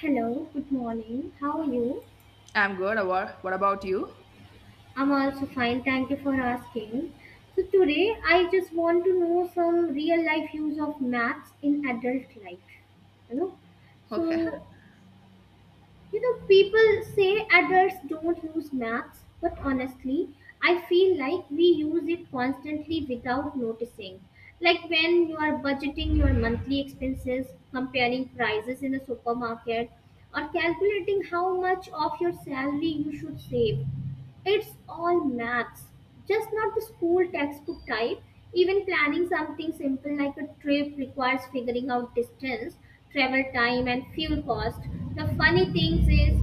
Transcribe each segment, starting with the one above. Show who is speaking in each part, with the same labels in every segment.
Speaker 1: Hello, good morning. How are you?
Speaker 2: I'm good. What about you?
Speaker 1: I'm also fine. Thank you for asking. So, today I just want to know some real life use of maths in adult life. You know,
Speaker 2: Okay.
Speaker 1: so people say adults don't use maths, but honestly, I feel like we use it constantly without noticing. Like when you are budgeting your monthly expenses, comparing prices in the supermarket, or calculating how much of your salary you should save. It's all maths, just not the school textbook type. Even planning something simple like a trip requires figuring out distance, travel time, and fuel cost. The funny thing is,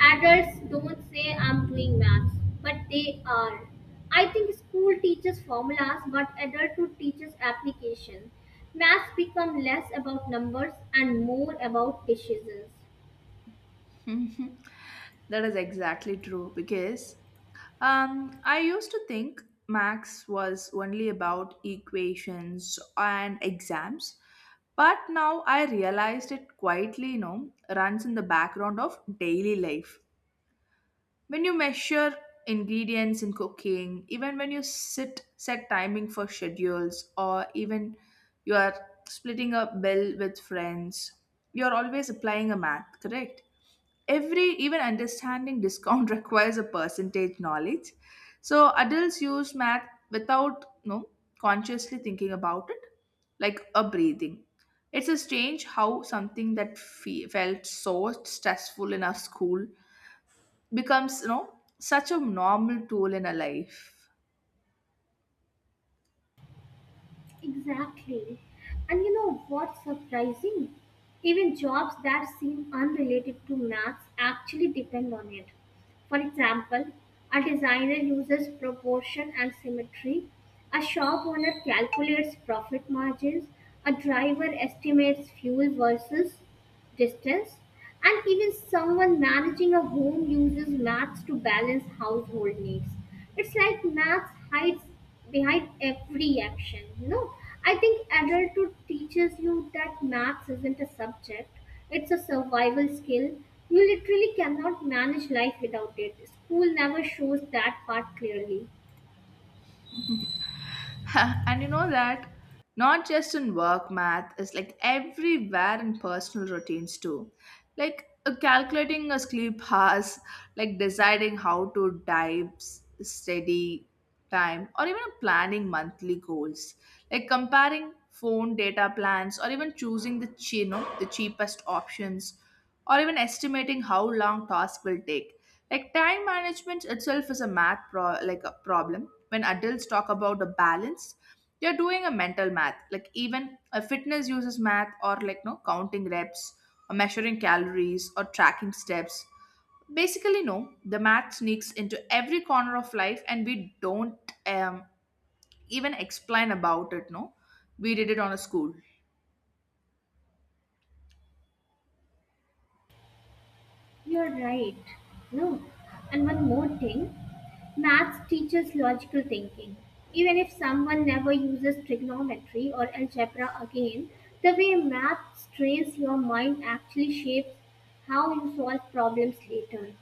Speaker 1: adults don't say I'm doing maths, but they are. I think school teaches formulas, but adulthood teaches application. Maths become less about numbers and more about decisions.
Speaker 2: That is exactly true because I used to think Max was only about equations and exams, but now I realized it quietly, runs in the background of daily life. When you measure ingredients in cooking, even when you sit set timing for schedules, or even you are splitting a bill with friends, you're always applying a math, correct? Every even understanding discount requires a percentage knowledge. So adults use math without consciously thinking about it, like a breathing. It's a strange how something that felt so stressful in our school becomes such a normal tool in our life.
Speaker 1: Exactly. And you know what's surprising? Even jobs that seem unrelated to maths actually depend on it. For example, a designer uses proportion and symmetry, a shop owner calculates profit margins, a driver estimates fuel versus distance, and even someone managing a home uses maths to balance household needs. It's like maths hides behind every action, you know. I think adulthood teaches you that maths isn't a subject, it's a survival skill. You literally cannot manage life without it. School never shows that part clearly.
Speaker 2: And you know that not just in work, math is like everywhere in personal routines too. Like calculating a sleep hours, like deciding how to type steady time, or even planning monthly goals, like comparing phone data plans, or even choosing the the cheapest options, or even estimating how long task will take. Like time management itself is like a problem. When adults talk about the balance, they're doing a mental math. Like even a fitness uses math, or like no, counting reps, or measuring calories, or tracking steps. Basically no, the math sneaks into every corner of life, and we don't even explain about it, no, we did it on a school.
Speaker 1: You're right. No. And one more thing maths teaches logical thinking. Even if someone never uses trigonometry or algebra again, the way maths trains your mind actually shapes how you solve problems later.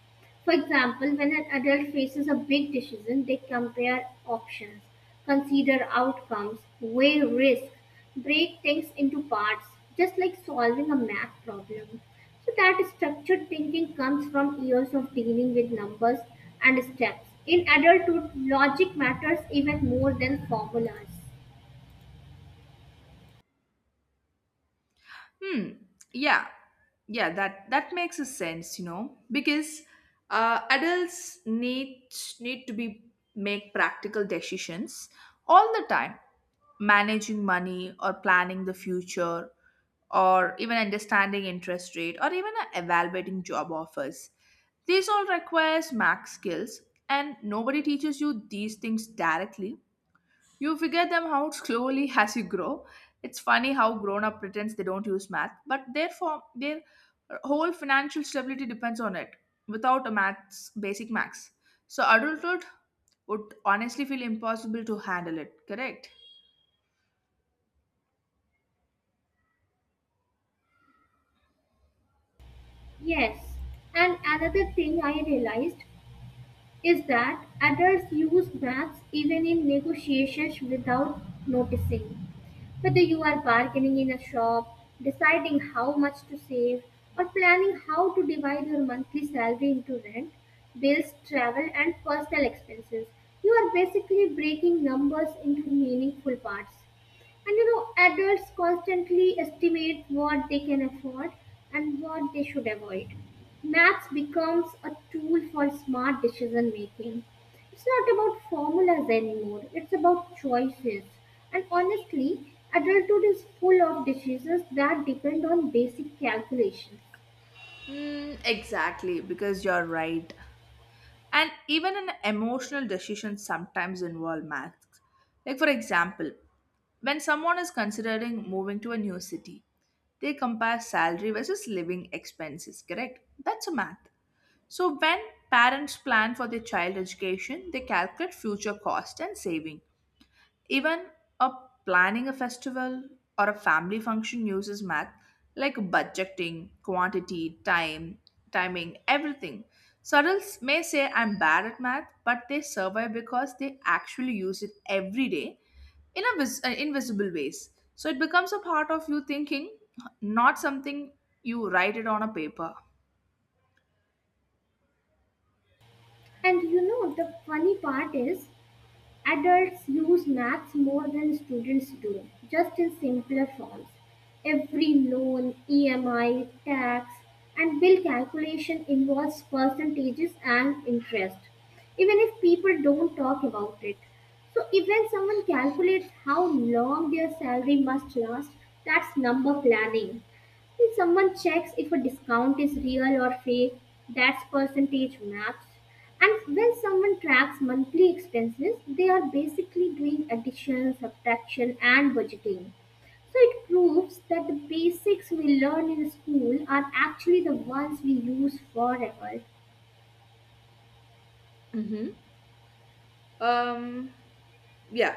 Speaker 1: For example, when an adult faces a big decision, they compare options, consider outcomes, weigh risk, break things into parts, just like solving a math problem. So, that structured thinking comes from years of dealing with numbers and steps. In adulthood, logic matters even more than formulas.
Speaker 2: Hmm. Yeah. Yeah, that makes a sense, you know, because adults need to be make practical decisions all the time, managing money or planning the future, or even understanding interest rate, or even evaluating job offers. These all requires max skills, and nobody teaches you these things directly, you figure them out slowly as you grow. It's funny how grown up pretends they don't use math, but their whole financial stability depends on it. Without a maths, basic maths, so adulthood would honestly feel impossible to handle it. Correct?
Speaker 1: Yes, and another thing I realized is that adults use maths even in negotiations without noticing. Whether you are bargaining in a shop, deciding how much to save, or planning how to divide your monthly salary into rent, bills, travel, and personal expenses, you are basically breaking numbers into meaningful parts. And you know, adults constantly estimate what they can afford and what they should avoid. Maths becomes a tool for smart decision making. It's not about formulas anymore, it's about choices. And honestly, adulthood is full of decisions that depend on basic calculations.
Speaker 2: Mm, exactly, because you're right. And even an emotional decision sometimes involve maths. Like for example, when someone is considering moving to a new city, they compare salary versus living expenses, correct? That's a math. So when parents plan for their child education, they calculate future cost and savings. Even a planning a festival or a family function uses math, like budgeting, quantity, time, timing, everything. Adults may say I'm bad at math, but they survive because they actually use it every day in a invisible ways. So it becomes a part of you thinking, not something you write it on a paper.
Speaker 1: And you know, the funny part is adults use maths more than students do, just in simpler forms. Every loan, EMI, tax, and bill calculation involves percentages and interest, even if people don't talk about it. So, if when someone calculates how long their salary must last, that's number planning. If someone checks if a discount is real or fake, that's percentage maps. And when someone tracks monthly expenses, they are basically doing addition, subtraction, and budgeting. So it proves that the basics we learn in school are actually the ones we use forever.
Speaker 2: Mhm. Um, yeah.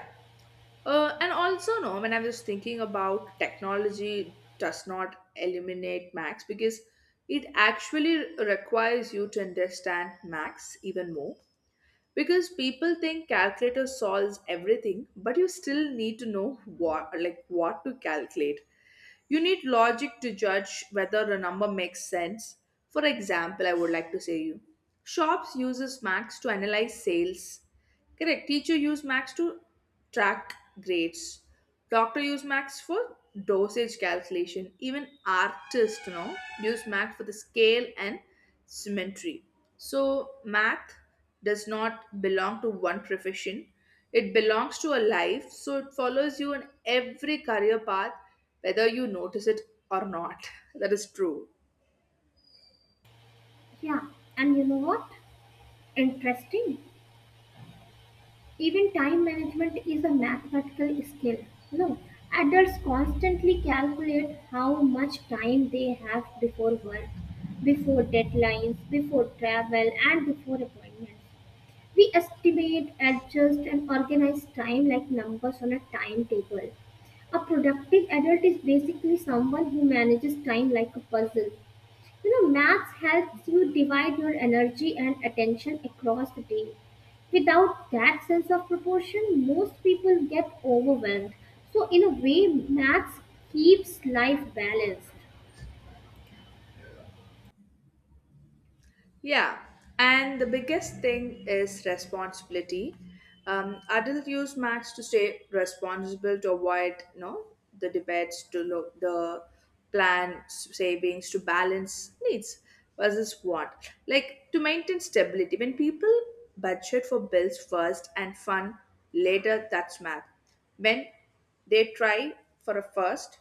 Speaker 2: And also, no, when I was thinking about technology does not eliminate Max because it actually requires you to understand Max even more. Because people think calculator solves everything, but you still need to know what, like what to calculate. You need logic to judge whether a number makes sense. For example, I would like to say you. Shops uses Max to analyze sales, correct. Teacher use max to track grades. Doctor use max for dosage calculation. Even artist, no, use max for the scale and symmetry. So math does not belong to one profession, it belongs to a life. So it follows you in every career path, whether you notice it or not. That is true.
Speaker 1: Yeah, and you know what? Interesting. Even time management is a mathematical skill. No, adults constantly calculate how much time they have before work, before deadlines, before travel, and before appointments. We estimate, adjust, and organize time like numbers on a timetable. A productive adult is basically someone who manages time like a puzzle. You know, maths helps you divide your energy and attention across the day. Without that sense of proportion, most people get overwhelmed. So, in a way, maths keeps life balanced.
Speaker 2: Yeah, and the biggest thing is responsibility. Adult use Max to stay responsible, to avoid, you know, the debates, to look the plan savings, to balance needs versus want. Like to maintain stability. When people budget for bills first and fun later, that's math. When they try for a first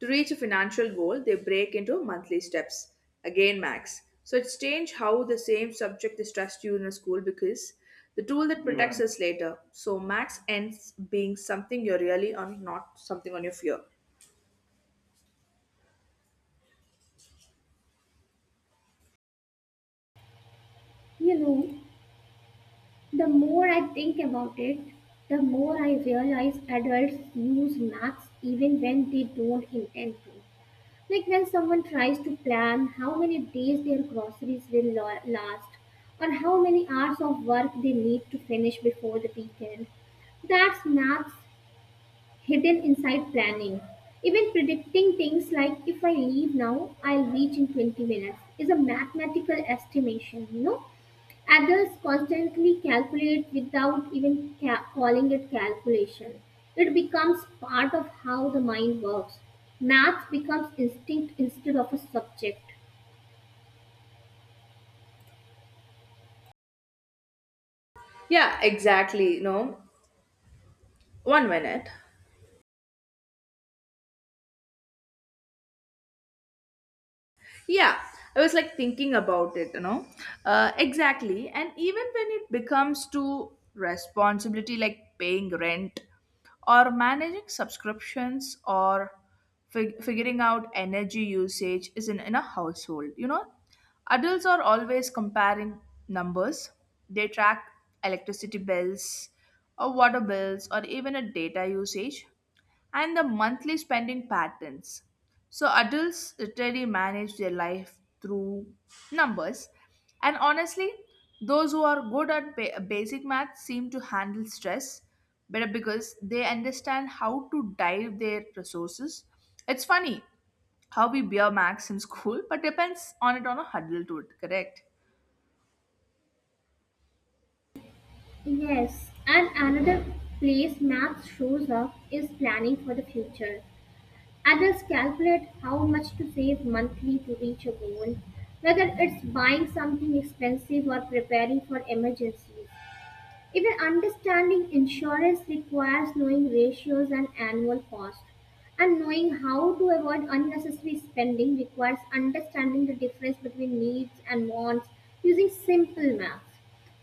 Speaker 2: to reach a financial goal, they break into monthly steps. Again, Max. So it's strange how the same subject distrusts you in a school because the tool that protects, yeah, us later. So Max ends being something you're really on, not something on your fear.
Speaker 1: You know, the more I think about it, the more I realize adults use maths even when they don't intend to. Like when someone tries to plan how many days their groceries will last or how many hours of work they need to finish before the weekend. That's maths hidden inside planning. Even predicting things like if I leave now, I'll reach in 20 minutes is a mathematical estimation, you know. Others constantly calculate without even calling it calculation. It becomes part of how the mind works. Math becomes instinct instead of a subject.
Speaker 2: Yeah, exactly. No, 1 minute. Yeah, I was like thinking about it, you know. Exactly. And even when it becomes to responsibility, like paying rent, or managing subscriptions, or figuring out energy usage is in a household, adults are always comparing numbers. They track electricity bills or water bills or even a data usage and the monthly spending patterns. So adults literally manage their life through numbers. And honestly, those who are good at basic math seem to handle stress better because they understand how to dive their resources. It's funny how we bear max in school, but depends on it on a huddle to it, correct?
Speaker 1: Yes, and another place math shows up is planning for the future. Adults calculate how much to save monthly to reach a goal, whether it's buying something expensive or preparing for emergencies. Even understanding insurance requires knowing ratios and annual cost. And knowing how to avoid unnecessary spending requires understanding the difference between needs and wants using simple math.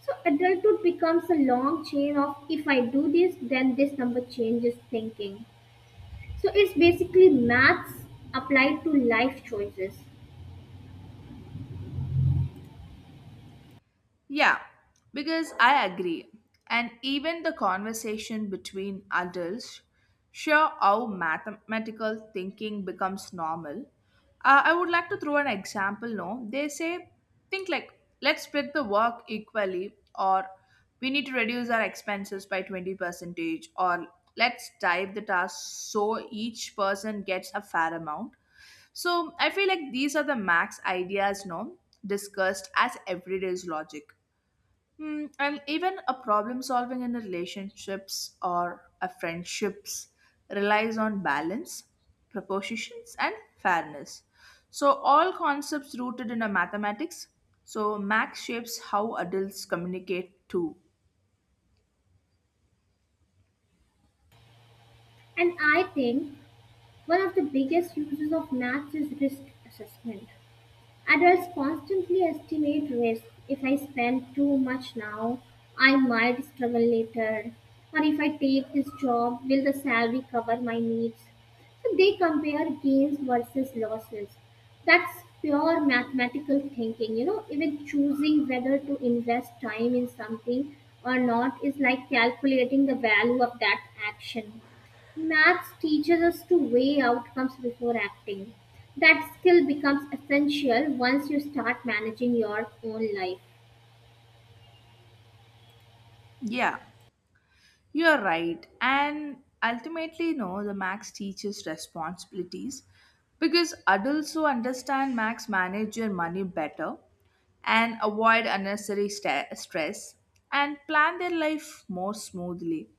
Speaker 1: So adulthood becomes a long chain of if I do this, then this number changes thinking. So it's basically maths applied to life choices.
Speaker 2: Yeah, because I agree. And even the conversation between adults show how mathematical thinking becomes normal. I would like to throw an example. No, they say, think like, let's split the work equally, or we need to reduce our expenses by 20 percentage, or let's type the task so each person gets a fair amount. So I feel like these are the max ideas, no, discussed as everyday's logic. Hmm, and even a problem solving in relationships or a friendships relies on balance, propositions, and fairness. So all concepts rooted in a mathematics. So Max shapes how adults communicate too.
Speaker 1: And I think one of the biggest uses of maths is risk assessment. Adults constantly estimate risk. If I spend too much now, I might struggle later. Or if I take this job, will the salary cover my needs? So they compare gains versus losses. That's pure mathematical thinking. You know, even choosing whether to invest time in something or not is like calculating the value of that action. Maths teaches us to weigh outcomes before acting. That skill becomes essential once you start managing your own life.
Speaker 2: Yeah. You're right. And ultimately, no, the max teaches responsibilities because adults who understand max manage your money better, and avoid unnecessary sta stress, and plan their life more smoothly.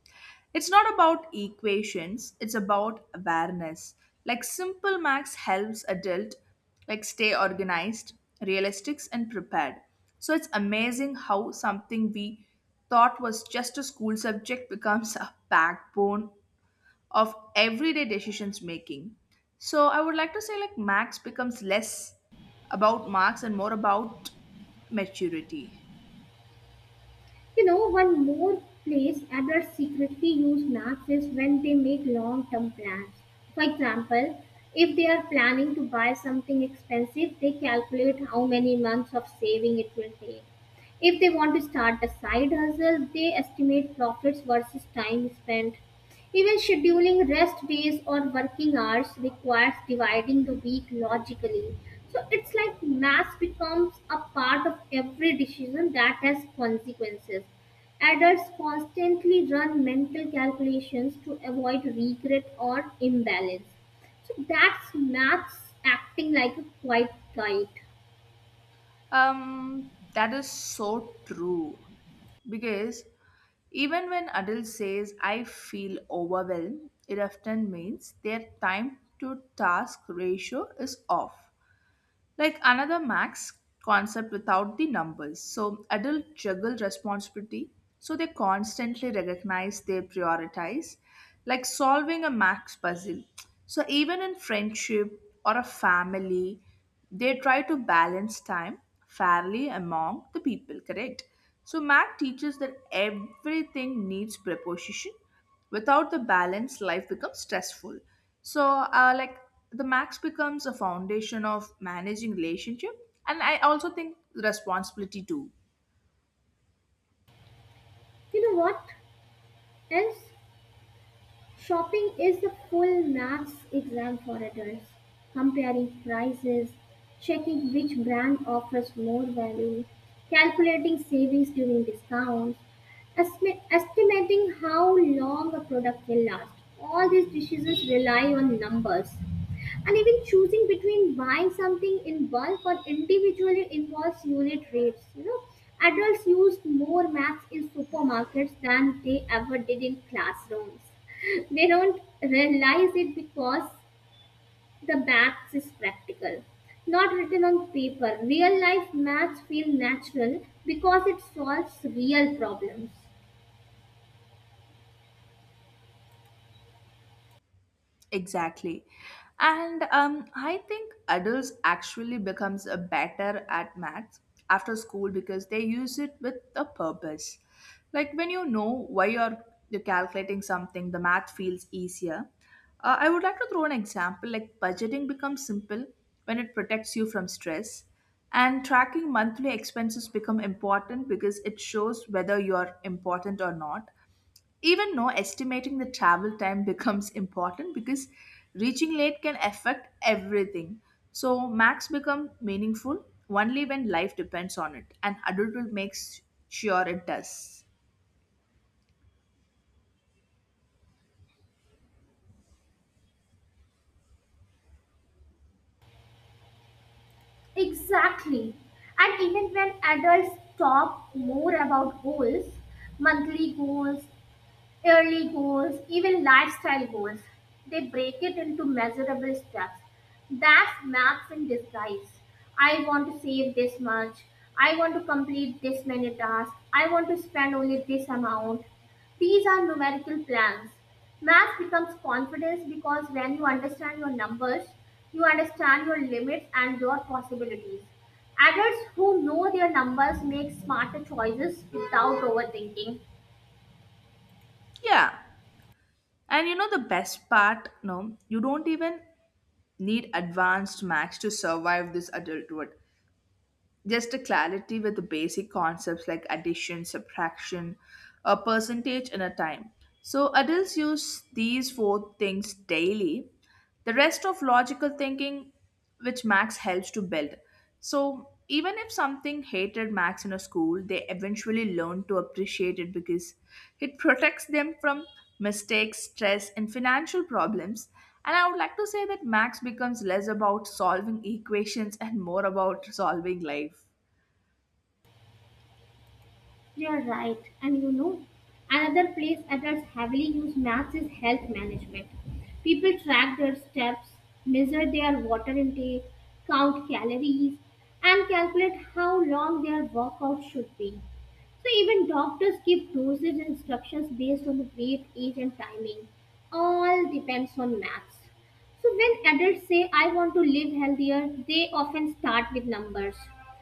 Speaker 2: It's not about equations, it's about awareness. Like simple max helps adult like stay organized, realistic and prepared. So it's amazing how something we thought was just a school subject becomes a backbone of everyday decisions making. So I would like to say like max becomes less about marks and more about maturity.
Speaker 1: You know, one more place adults secretly use maths is when they make long term plans. For example, if they are planning to buy something expensive, they calculate how many months of saving it will take. If they want to start a side hustle, they estimate profits versus time spent. Even scheduling rest days or working hours requires dividing the week logically. So it's like math becomes a part of every decision that has consequences. Adults constantly run mental calculations to avoid regret or imbalance. So that's maths acting like a quiet guide.
Speaker 2: That is so true. Because even when adult says I feel overwhelmed, it often means their time to task ratio is off. Like another max concept without the numbers. So adults juggle responsibility, so they constantly recognize they prioritize, like solving a max puzzle. So even in friendship or a family, they try to balance time fairly among the people, correct? So Mac teaches that everything needs preposition. Without the balance life becomes stressful, so like the max becomes a foundation of managing relationship, and I also think responsibility too.
Speaker 1: You know what else? Shopping is the full maths exam for adults, comparing prices, checking which brand offers more value, calculating savings during discounts, estimating how long a product will last. All these decisions rely on numbers. And even choosing between buying something in bulk or individually involves unit rates. You know, adults use more maths in supermarkets than they ever did in classrooms. They don't realize it because the maths is practical, not written on paper. Real life maths feel natural because it solves real problems.
Speaker 2: Exactly. And I think adults actually becomes a better at maths after school because they use it with a purpose. Like when you know why you're calculating something, the math feels easier. I would like to throw an example, like budgeting becomes simple when it protects you from stress, and tracking monthly expenses become important because it shows whether you're important or not, even no, estimating the travel time becomes important because reaching late can affect everything. So max become meaningful only when life depends on it, and adulthood makes sure it does.
Speaker 1: Exactly. And even when adults talk more about goals, monthly goals, yearly goals, even lifestyle goals. They break it into measurable steps. That's maps in disguise. I want to save this much. I want to complete this many tasks. I want to spend only this amount. These are numerical plans. Math becomes confidence because when you understand your numbers, you understand your limits and your possibilities. Adults who know their numbers make smarter choices without overthinking.
Speaker 2: Yeah, and you know the best part no, you don't even need advanced max to survive this adulthood, just a clarity with the basic concepts like addition, subtraction, a percentage, and a time. So adults use these four things daily. The rest of logical thinking, which Max helps to build. So even if something hated Max in a school, they eventually learn to appreciate it because it protects them from mistakes, stress, and financial problems. And I would like to say that Max becomes less about solving equations and more about solving life.
Speaker 1: You're right, and you know, another place adults heavily use maths is health management. People track their steps, measure their water intake, count calories, and calculate how long their workout should be. So even doctors give dosage instructions based on the weight, age, and timing. All depends on maths. So when adults say I want to live healthier, they often start with numbers.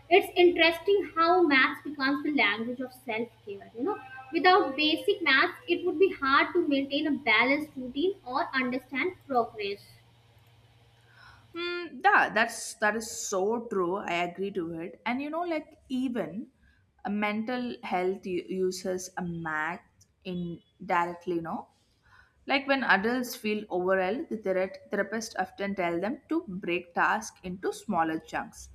Speaker 1: It's interesting how maths becomes the language of self-care, you know. Without basic maths, it would be hard to maintain a balanced routine or understand progress.
Speaker 2: Mm, yeah, that is so true. I agree to it. And you know, like even a mental health uses a math indirectly, no? Like when adults feel overwhelmed, the therapist often tell them to break tasks into smaller chunks,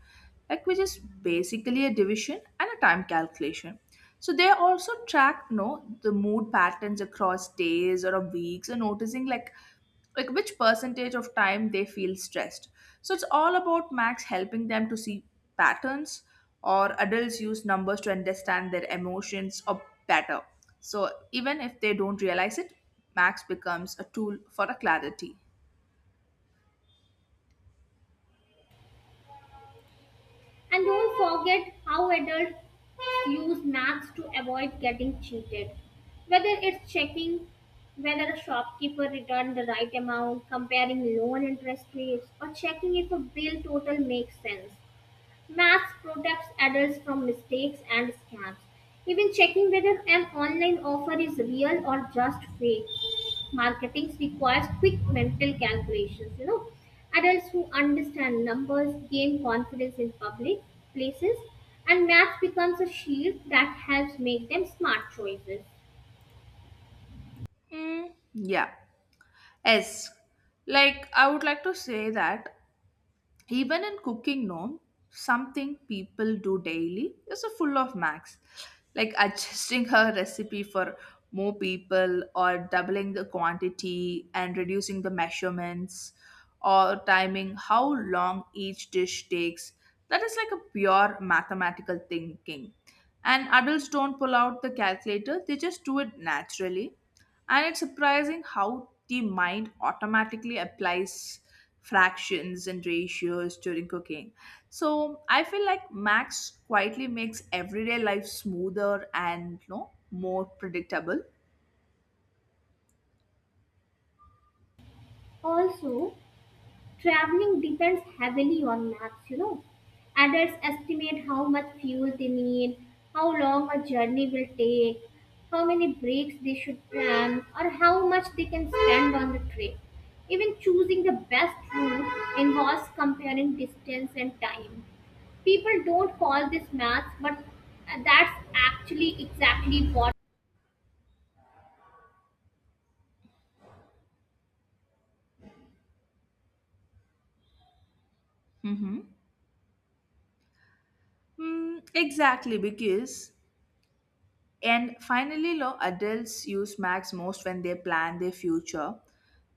Speaker 2: like which is basically a division and a time calculation. So they also track, you know, the mood patterns across days or of weeks, and noticing like which percentage of time they feel stressed. So it's all about max helping them to see patterns. Or adults use numbers to understand their emotions or better. So even if they don't realize it, max becomes a tool for a clarity.
Speaker 1: And don't forget how adults use maths to avoid getting cheated. Whether it's checking whether a shopkeeper returned the right amount, comparing loan interest rates, or checking if a bill total makes sense. Max protects adults from mistakes and scams, even checking whether an online offer is real or just fake. Marketing requires quick mental calculations, you know. Adults who understand numbers gain confidence in public places, and math becomes a shield that helps make them smart choices.
Speaker 2: Mm, yeah. S. Like, I would like to say that, even in cooking, no, something people do daily is a full of max, like adjusting her recipe for more people, or doubling the quantity and reducing the measurements, or timing how long each dish takes. That is like a pure mathematical thinking. And adults don't pull out the calculator, they just do it naturally, and it's surprising how the mind automatically applies fractions and ratios during cooking. So I feel like Max quietly makes everyday life smoother, and you know, more predictable.
Speaker 1: Also, traveling depends heavily on maps, you know. Adults estimate how much fuel they need, how long a journey will take, how many breaks they should plan, or how much they can spend on the trip. Even choosing the best route involves comparing distance and time. People don't call this maths, but that's actually exactly what.
Speaker 2: Mm-hmm. Mm, exactly, because. And finally, lo, adults use Max most when they plan their future.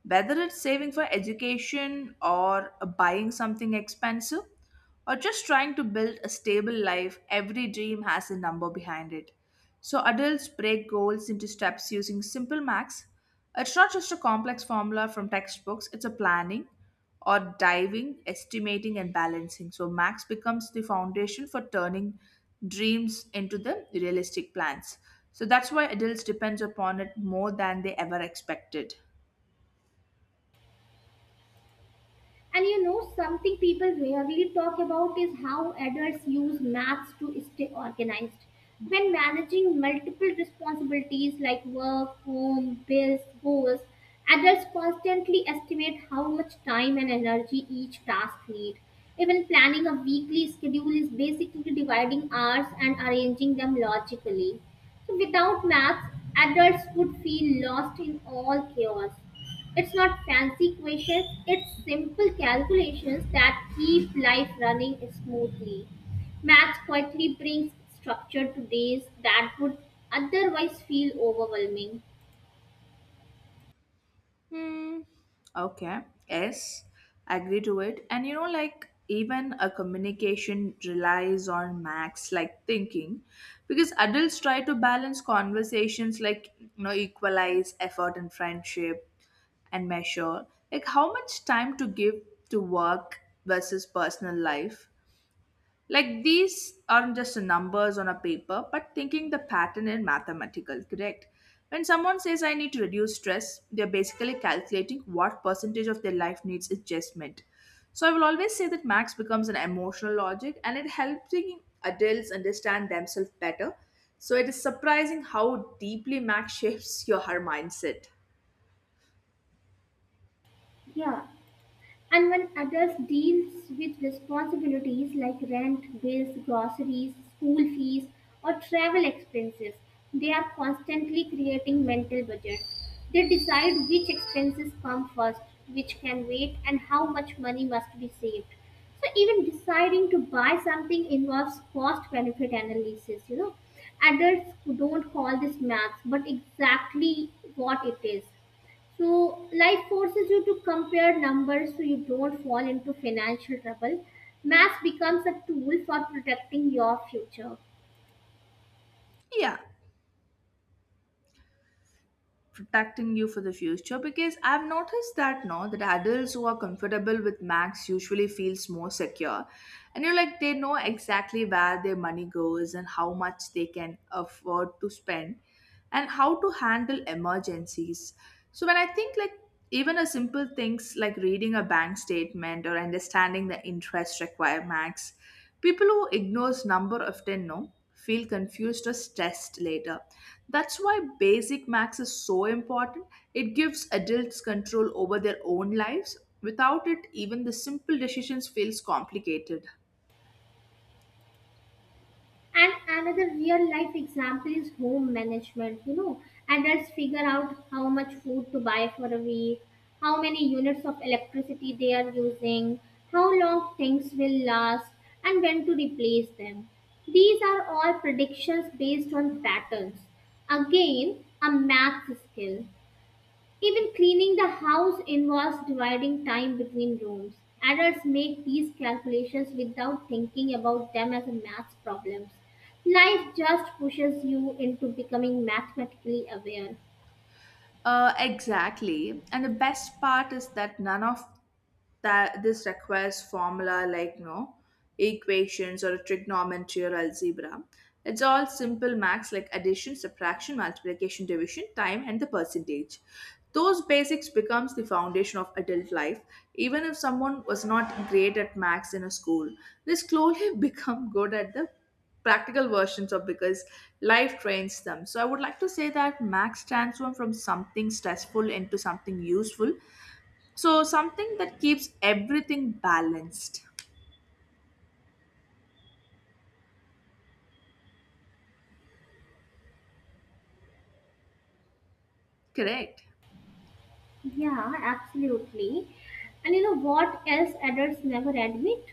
Speaker 2: Whether it's saving for education, or buying something expensive, or just trying to build a stable life, every dream has a number behind it. So adults break goals into steps using simple Max. It's not just a complex formula from textbooks, it's a planning or diving, estimating, and balancing. So, max becomes the foundation for turning dreams into the realistic plans. So, that's why adults depends upon it more than they ever expected.
Speaker 1: And you know, something people rarely talk about is how adults use maths to stay organized. When managing multiple responsibilities like work, home, bills, goals, adults constantly estimate how much time and energy each task needs. Even planning a weekly schedule is basically dividing hours and arranging them logically. So without maths, adults would feel lost in all chaos. It's not fancy questions, it's simple calculations that keep life running smoothly. Math quietly brings structure to days that would otherwise feel overwhelming.
Speaker 2: Okay. Yes, agree to it. And you know, like even a communication relies on max like thinking, because adults try to balance conversations, like you know equalize effort and friendship, and measure like how much time to give to work versus personal life. Like these aren't just numbers on a paper, but thinking the pattern in mathematical correct. When someone says I need to reduce stress, they're basically calculating what percentage of their life needs adjustment. So I will always say that Max becomes an emotional logic and it helps adults understand themselves better. So it is surprising how deeply Max shapes your her mindset.
Speaker 1: Yeah, and when adults deals with responsibilities like rent, bills, groceries, school fees, or travel expenses, they are constantly creating mental budgets. They decide which expenses come first, which can wait, and how much money must be saved. So even deciding to buy something involves cost benefit analysis, you know. Adults don't call this maths, but exactly what it is. So life forces you to compare numbers so you don't fall into financial trouble. Math becomes a tool for protecting your future.
Speaker 2: Yeah. Protecting you for the future, because I've noticed that, no, that adults who are comfortable with max usually feels more secure. And you're like, they know exactly where their money goes and how much they can afford to spend and how to handle emergencies. So when I think, like, even a simple things like reading a bank statement or understanding the interest requirements, people who ignores number often, no, feel confused or stressed later. That's why basic max is so important. It gives adults control over their own lives. Without it, even the simple decisions feels complicated.
Speaker 1: And another real life example is home management. You know, adults figure out how much food to buy for a week, how many units of electricity they are using, how long things will last, and when to replace them. These are all predictions based on patterns. Again, a math skill. Even cleaning the house involves dividing time between rooms. Adults make these calculations without thinking about them as math problems. Life just pushes you into becoming mathematically aware.
Speaker 2: Exactly. And the best part is that none of that this requires formula, like, no, equations or trigonometry or algebra. It's all simple max like addition, subtraction, multiplication, division, time, and the percentage. Those basics becomes the foundation of adult life. Even if someone was not great at maths in a school, they slowly become good at the practical versions of, because life trains them. So I would like to say that max transform from something stressful into something useful. So something that keeps everything balanced. Correct.
Speaker 1: Yeah, absolutely. And you know what else adults never admit?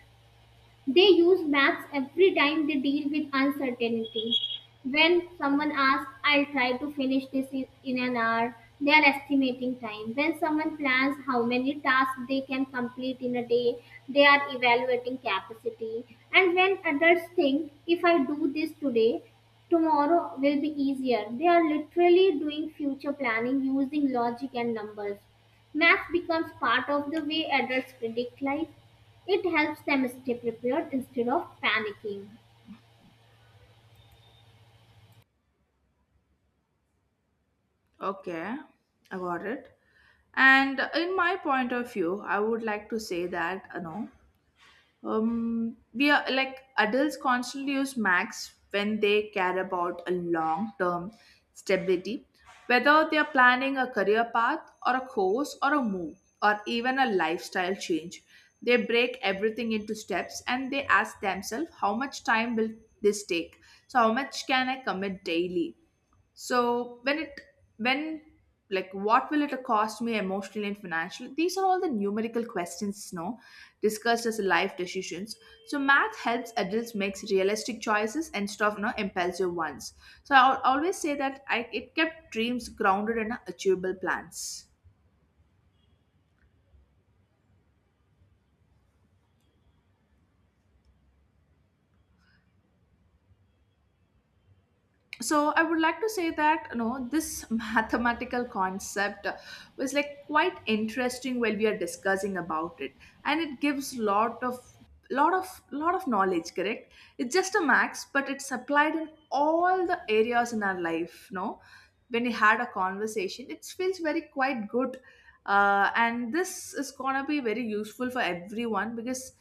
Speaker 1: They use maths every time they deal with uncertainty. When someone asks, I'll try to finish this in an hour, they are estimating time. When someone plans how many tasks they can complete in a day, they are evaluating capacity. And when adults think, if I do this today, tomorrow will be easier, they are literally doing future planning using logic and numbers. Math becomes part of the way adults predict life. It helps them stay prepared instead of panicking.
Speaker 2: Okay, I got it. And in my point of view, I would like to say that, you know, we are like adults constantly use max when they care about a long term stability, whether they are planning a career path or a course or a move or even a lifestyle change. They break everything into steps and they ask themselves, how much time will this take? So how much can I commit daily? So when it when like, what will it cost me emotionally and financially? These are all the numerical questions, no, discussed as life decisions. So math helps adults makes realistic choices instead of, no, impulsive ones. So I always say that I, it kept dreams grounded in achievable plans. So I would like to say that, you know, this mathematical concept was like quite interesting while we are discussing about it, and it gives lot of lot of knowledge. Correct. It's just a max, but it's applied in all the areas in our life, no. When we had a conversation, it feels very quite good. And this is gonna be very useful for everyone, because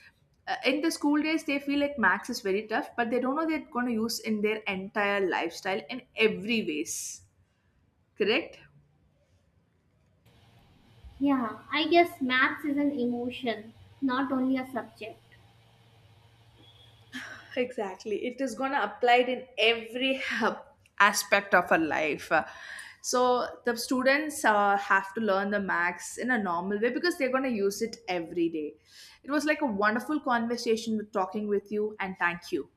Speaker 2: in the school days they feel like max is very tough, but they don't know they're gonna use in their entire lifestyle in every ways. Correct.
Speaker 1: Yeah, I guess maths is an emotion, not only a subject.
Speaker 2: Exactly, it is gonna apply it in every aspect of our life. So the students have to learn the max in a normal way, because they're gonna use it every day. It was like a wonderful conversation with talking with you, and thank you.